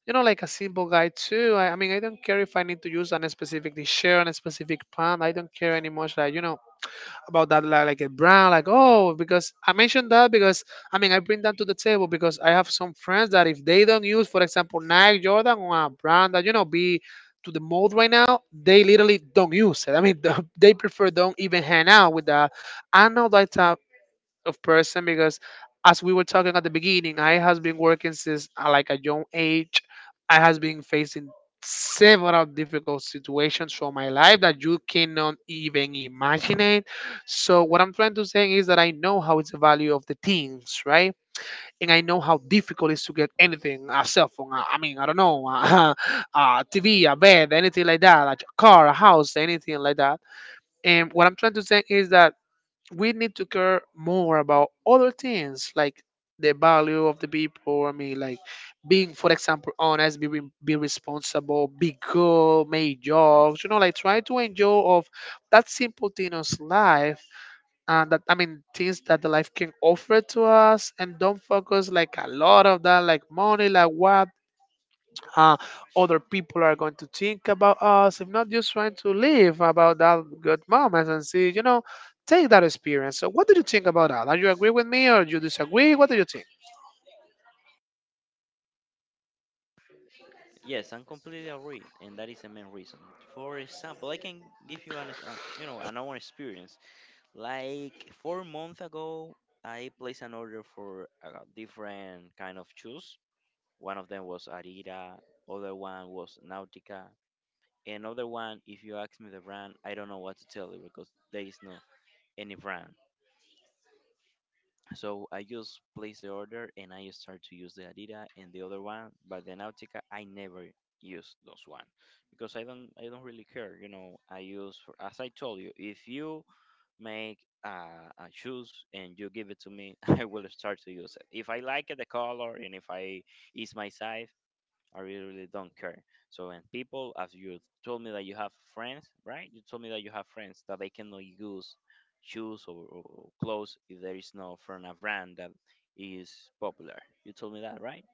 Speaker 1: You know, like a simple guy too. I mean, I don't care if I need to use a specific t-shirt, a specific pant. I don't care anymore. Like, you know, about that like a brand like oh because I mentioned that because I mean I bring that to the table because I have some friends that if they don't use for example Nike Jordan or a brand that you know be to the mode right now, they literally don't use it. I mean they prefer don't even hang out with that. I know that type, of person because as we were talking at the beginning, I has been working since like a young age. I has been facing several difficult situations for my life that you cannot even imagine it. So what I'm trying to say is that I know how it's the value of the things, right? And I know how difficult it is to get anything, a cell phone, I mean I don't know, a tv, a bed, anything like that, like a car, a house, anything like that. And what I'm trying to say is that we need to care more about other things like the value of the people. I mean, like being, for example, honest, be, be responsible, be good, make jobs. You know, like try to enjoy of that simple thing of life. And that I mean, things that the life can offer to us, and don't focus like a lot of that, like money, like what uh, other people are going to think about us. If not, just trying to live about that good moments and see, you know, take that experience. So, what do you think about that? Are you agree with me or you disagree? What do you think?
Speaker 2: Yes, I'm completely agree, and that is the main reason. For example, I can give you an, ex- you know, an own experience. Like 4 months ago, I placed an order for a different kind of shoes. One of them was Arira, other one was Nautica, another one. If you ask me the brand, I don't know what to tell you because there is no any brand. So I just place the order and I start to use the Arira and the other one, but the Nautica I never use those one because I don't really care. I use for, as I told you, if you make uh, a shoes and you give it to me, I will start to use it. If I like it, the color, and if I is my size, I really, really don't care. So, and people, as you told me that you have friends, right? You told me that you have friends that they cannot use shoes or clothes if there is no from a brand that is popular. You told me that, right?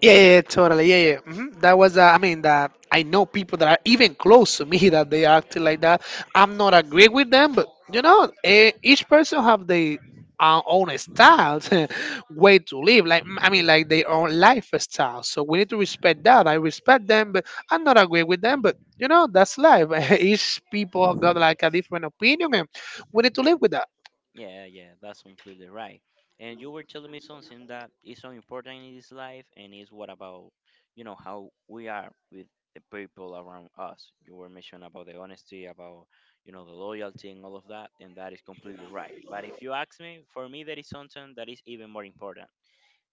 Speaker 1: Yeah, yeah, yeah, totally. Yeah, yeah. That was, I mean, that I know people that are even close to me that they act like that. I'm not agree with them, but you know, eh, each person have their own style, way to live. Like, I mean, like their own lifestyle. So we need to respect that. I respect them, but I'm not agree with them, but. You know that's life. Each people got like a different opinion, and we need to live with that.
Speaker 2: Yeah, yeah, that's completely right. And you were telling me something that is so important in this life, and is what about, how we are with the people around us. You were mentioning about the honesty, about, the loyalty and all of that, and that is completely right. But if you ask me, for me, there is something that is even more important,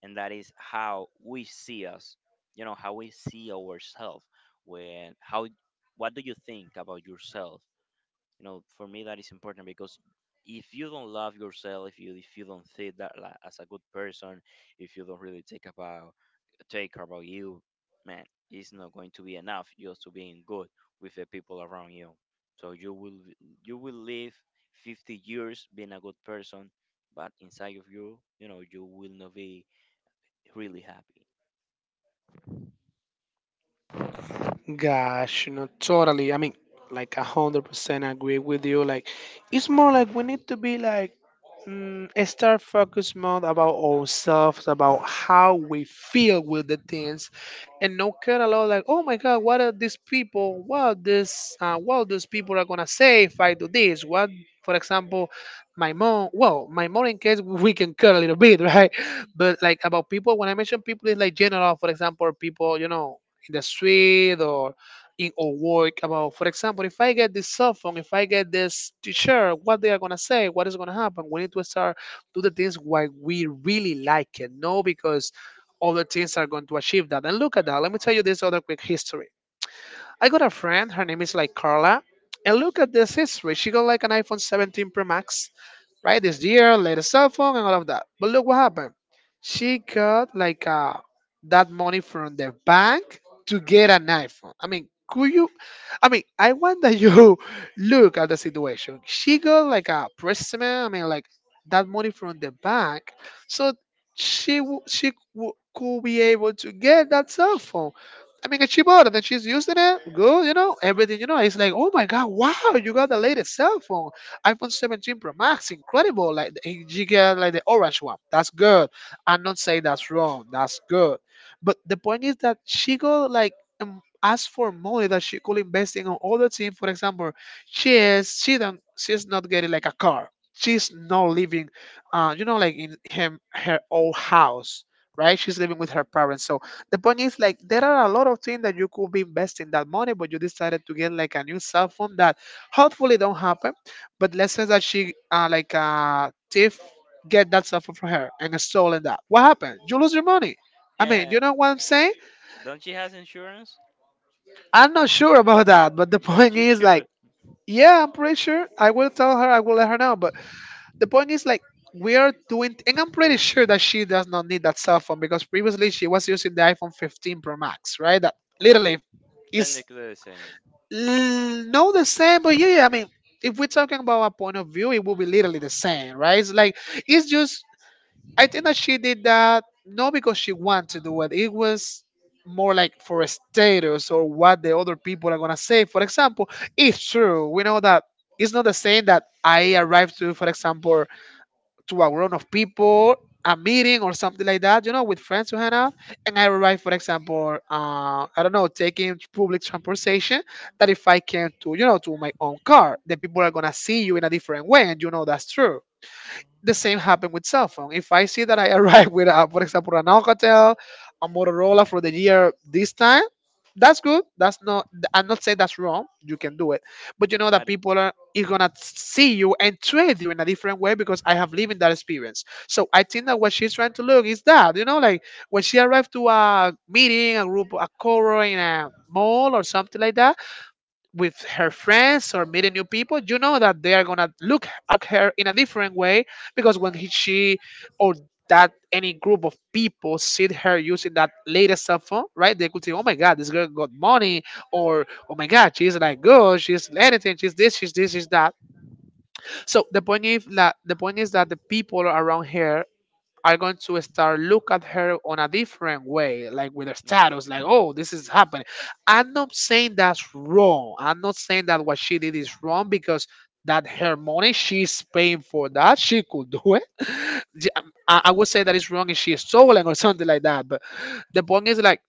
Speaker 2: and that is how we see us, how we see ourselves. When, how, what do you think about yourself? For me that is important because if you don't love yourself, if you don't see that, like, as a good person, if you don't really take care about you, man, it's not going to be enough just to being good with the people around you. So you will live 50 years being a good person, but inside of you, you know you will not be really happy.
Speaker 1: Gosh, no, totally. I mean, like 100% agree with you. Like, it's more like we need to be like start focus mode about ourselves, about how we feel with the things, and no care a lot. Like, oh my God, what are these people? What this? What these people are gonna say if I do this? What, for example, my mom. Well, my mom in case we can care a little bit, right? But like about people, when I mention people, it's like general. For example, people you know in the street or in our work about, for example, if I get this cell phone, if I get this t-shirt, what they are gonna say, what is gonna happen. We need to start do the things why we really like it, no because other things are going to achieve that. And look at that. Let me tell you this other quick history. I got a friend, her name is like Carla. And look at this history. She got like an iPhone 17 Pro Max, right? This year, later cell phone and all of that. But look what happened. She got like that money from the bank to get an iPhone. I mean, could you? I mean, I want that you look at the situation. She got like a present. I mean, like that money from the bank, so could be able to get that cell phone. I mean, and she bought it and she's using it. Good, you know, everything, you know. It's like, oh my God, wow, you got the latest cell phone iPhone 17 Pro Max, incredible. Like the 8 giga, like the orange one. That's good. I'm not saying that's wrong. That's good. But the point is that she got like asked for money that she could invest in on other team. For example, she is she don't she's not getting like a car. She's not living, you know, like in him her old house, right? She's living with her parents. So the point is like there are a lot of things that you could be investing that money, but you decided to get like a new cell phone that hopefully don't happen, but let's say that she like thief get that stuff from her and stolen that. What happened? You lose your money. I mean,
Speaker 2: Yeah,
Speaker 1: you know what I'm saying.
Speaker 2: don't she has insurance?
Speaker 1: I'm not sure about that, but the point
Speaker 2: She
Speaker 1: is like,
Speaker 2: should.
Speaker 1: yeah, I'm pretty sure I will tell her, I will let her know. But the point is like, we are doing, and I'm pretty sure that she does not need that cell phone because previously she was using the iPhone 15 Pro Max, right? That literally is
Speaker 2: Technically the same.
Speaker 1: No, the same, but yeah, yeah, I mean, if we're talking about a point of view, it will be literally the same, right? It's like, it's just, I think that she did that not because she wanted to do it. It was more like for a status or what the other people are gonna say. For example, it's true, we know that it's not the same that I arrived to, for example, to a group of people, a meeting or something like that, you know, with friends to hang out. And I arrive, for example, I don't know, taking public transportation, that if I came to, you know, to my own car, then people are going to see you in a different way. And you know, that's true, the same happened with cell phone. If I see that I arrive with a, for example, an Alcatel, a Motorola for the year this time, that's good. That's not. I'm not saying that's wrong. You can do it, but you know that people are is gonna see you and treat you in a different way because I have lived in that experience. So I think that what she's trying to look is that, you know, like when she arrived to a meeting, a group, a core in a mall or something like that with her friends or meeting new people, you know that they are gonna look at her in a different way because when he, she or that any group of people see her using that latest cell phone, right? They could say, "Oh my God, this girl got money," or "Oh my God, she's like good, she's anything, she's this, she's this, she's that." So the point is that the people around her are going to start look at her on a different way, like with her status, like, oh, this is happening. I'm not saying that's wrong. I'm not saying that what she did is wrong because that her money, she's paying for that. She could do it. J- I would say that it's wrong if she is stolen or something like that. But the point is like,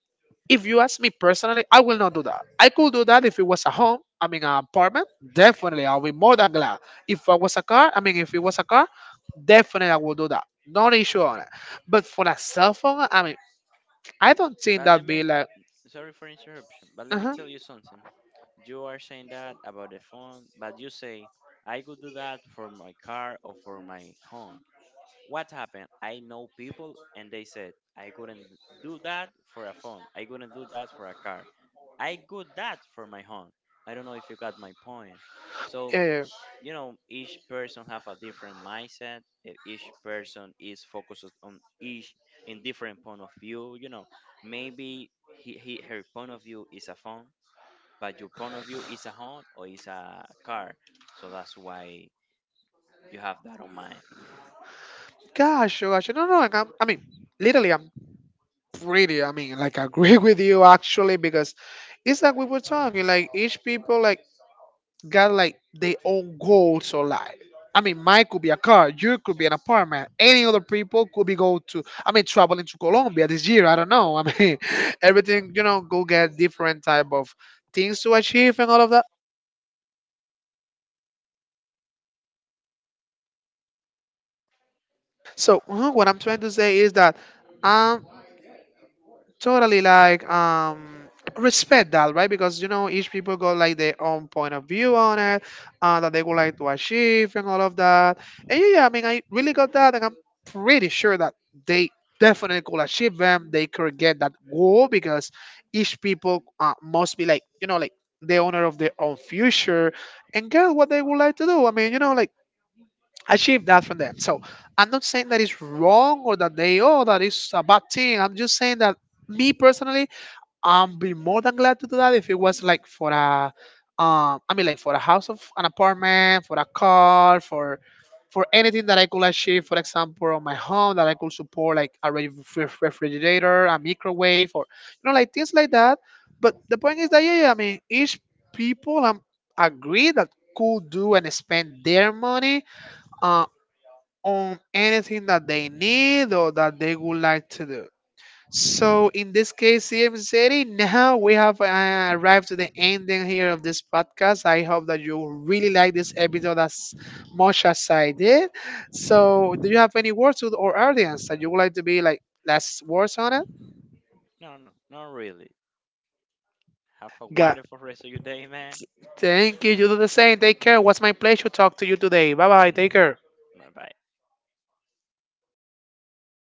Speaker 1: if you ask me personally, I will not do that. I could do that if it was a home, I mean, an apartment. Definitely, I'll be more than glad. If I was a car, I mean, if it was a car, definitely I will do that. No issue on it. But for a cell phone, I mean, I don't think
Speaker 2: But let
Speaker 1: that'd be
Speaker 2: me
Speaker 1: like,
Speaker 2: Sorry for interruption, but let
Speaker 1: uh
Speaker 2: me
Speaker 1: huh.
Speaker 2: tell you something. You are saying that about the phone, but you say, I could do that for my car or for my home. What happened? I know people and they said, I couldn't do that for a phone. I couldn't do that for a car. I got that from my home. I don't know if you got my point. So
Speaker 1: Yeah,
Speaker 2: each person have a different mindset. Each person is focused on each in different point of view. Maybe he her point of view is a phone, but your point of view is a home or is a car. So that's why you have that on mind.
Speaker 1: gosh, oh gosh, no, no, like I'm, I mean, literally, I'm pretty. I mean, like, I agree with you actually because it's like we were talking, like each people, like got like their own goals or life. I mean, mine could be a car, you could be an apartment, any other people could be go to. I mean, traveling to Colombia this year. I don't know. I mean, everything, you know, go get different type of things to achieve and all of that. So what I'm trying to say is that totally like respect that, right? Because you know each people got like their own point of view on it, that they would like to achieve and all of that. And yeah, yeah, I mean, I really got that, and I'm pretty sure that they definitely could achieve them, they could get that goal because each people must be like, you know, like the owner of their own future and get what they would like to do. I mean, you know, like achieve that from them. So I'm not saying that it's wrong or that they, oh, that is a bad thing. I'm just saying that me personally, I'd be more than glad to do that if it was like for a I mean, like for a house of an apartment, for a car, for anything that I could achieve, for example, on my home that I could support like a refrigerator, a microwave, or you know, like things like that. But the point is that, yeah, yeah, I mean, each people agree that could do and spend their money uh, on anything that they need or that they would like to do. So in this case, CM City, now we have arrived to the ending here of this podcast. I hope that you really like this episode as much as I did. So do you have any words to our audience that you would like to be like last words on it?
Speaker 2: No, no, not really. Have a
Speaker 1: God.
Speaker 2: wonderful rest of your day, man.
Speaker 1: Thank you. You do the same. Take care. It was my pleasure to talk to you today. Bye bye. Take care.
Speaker 2: Bye bye.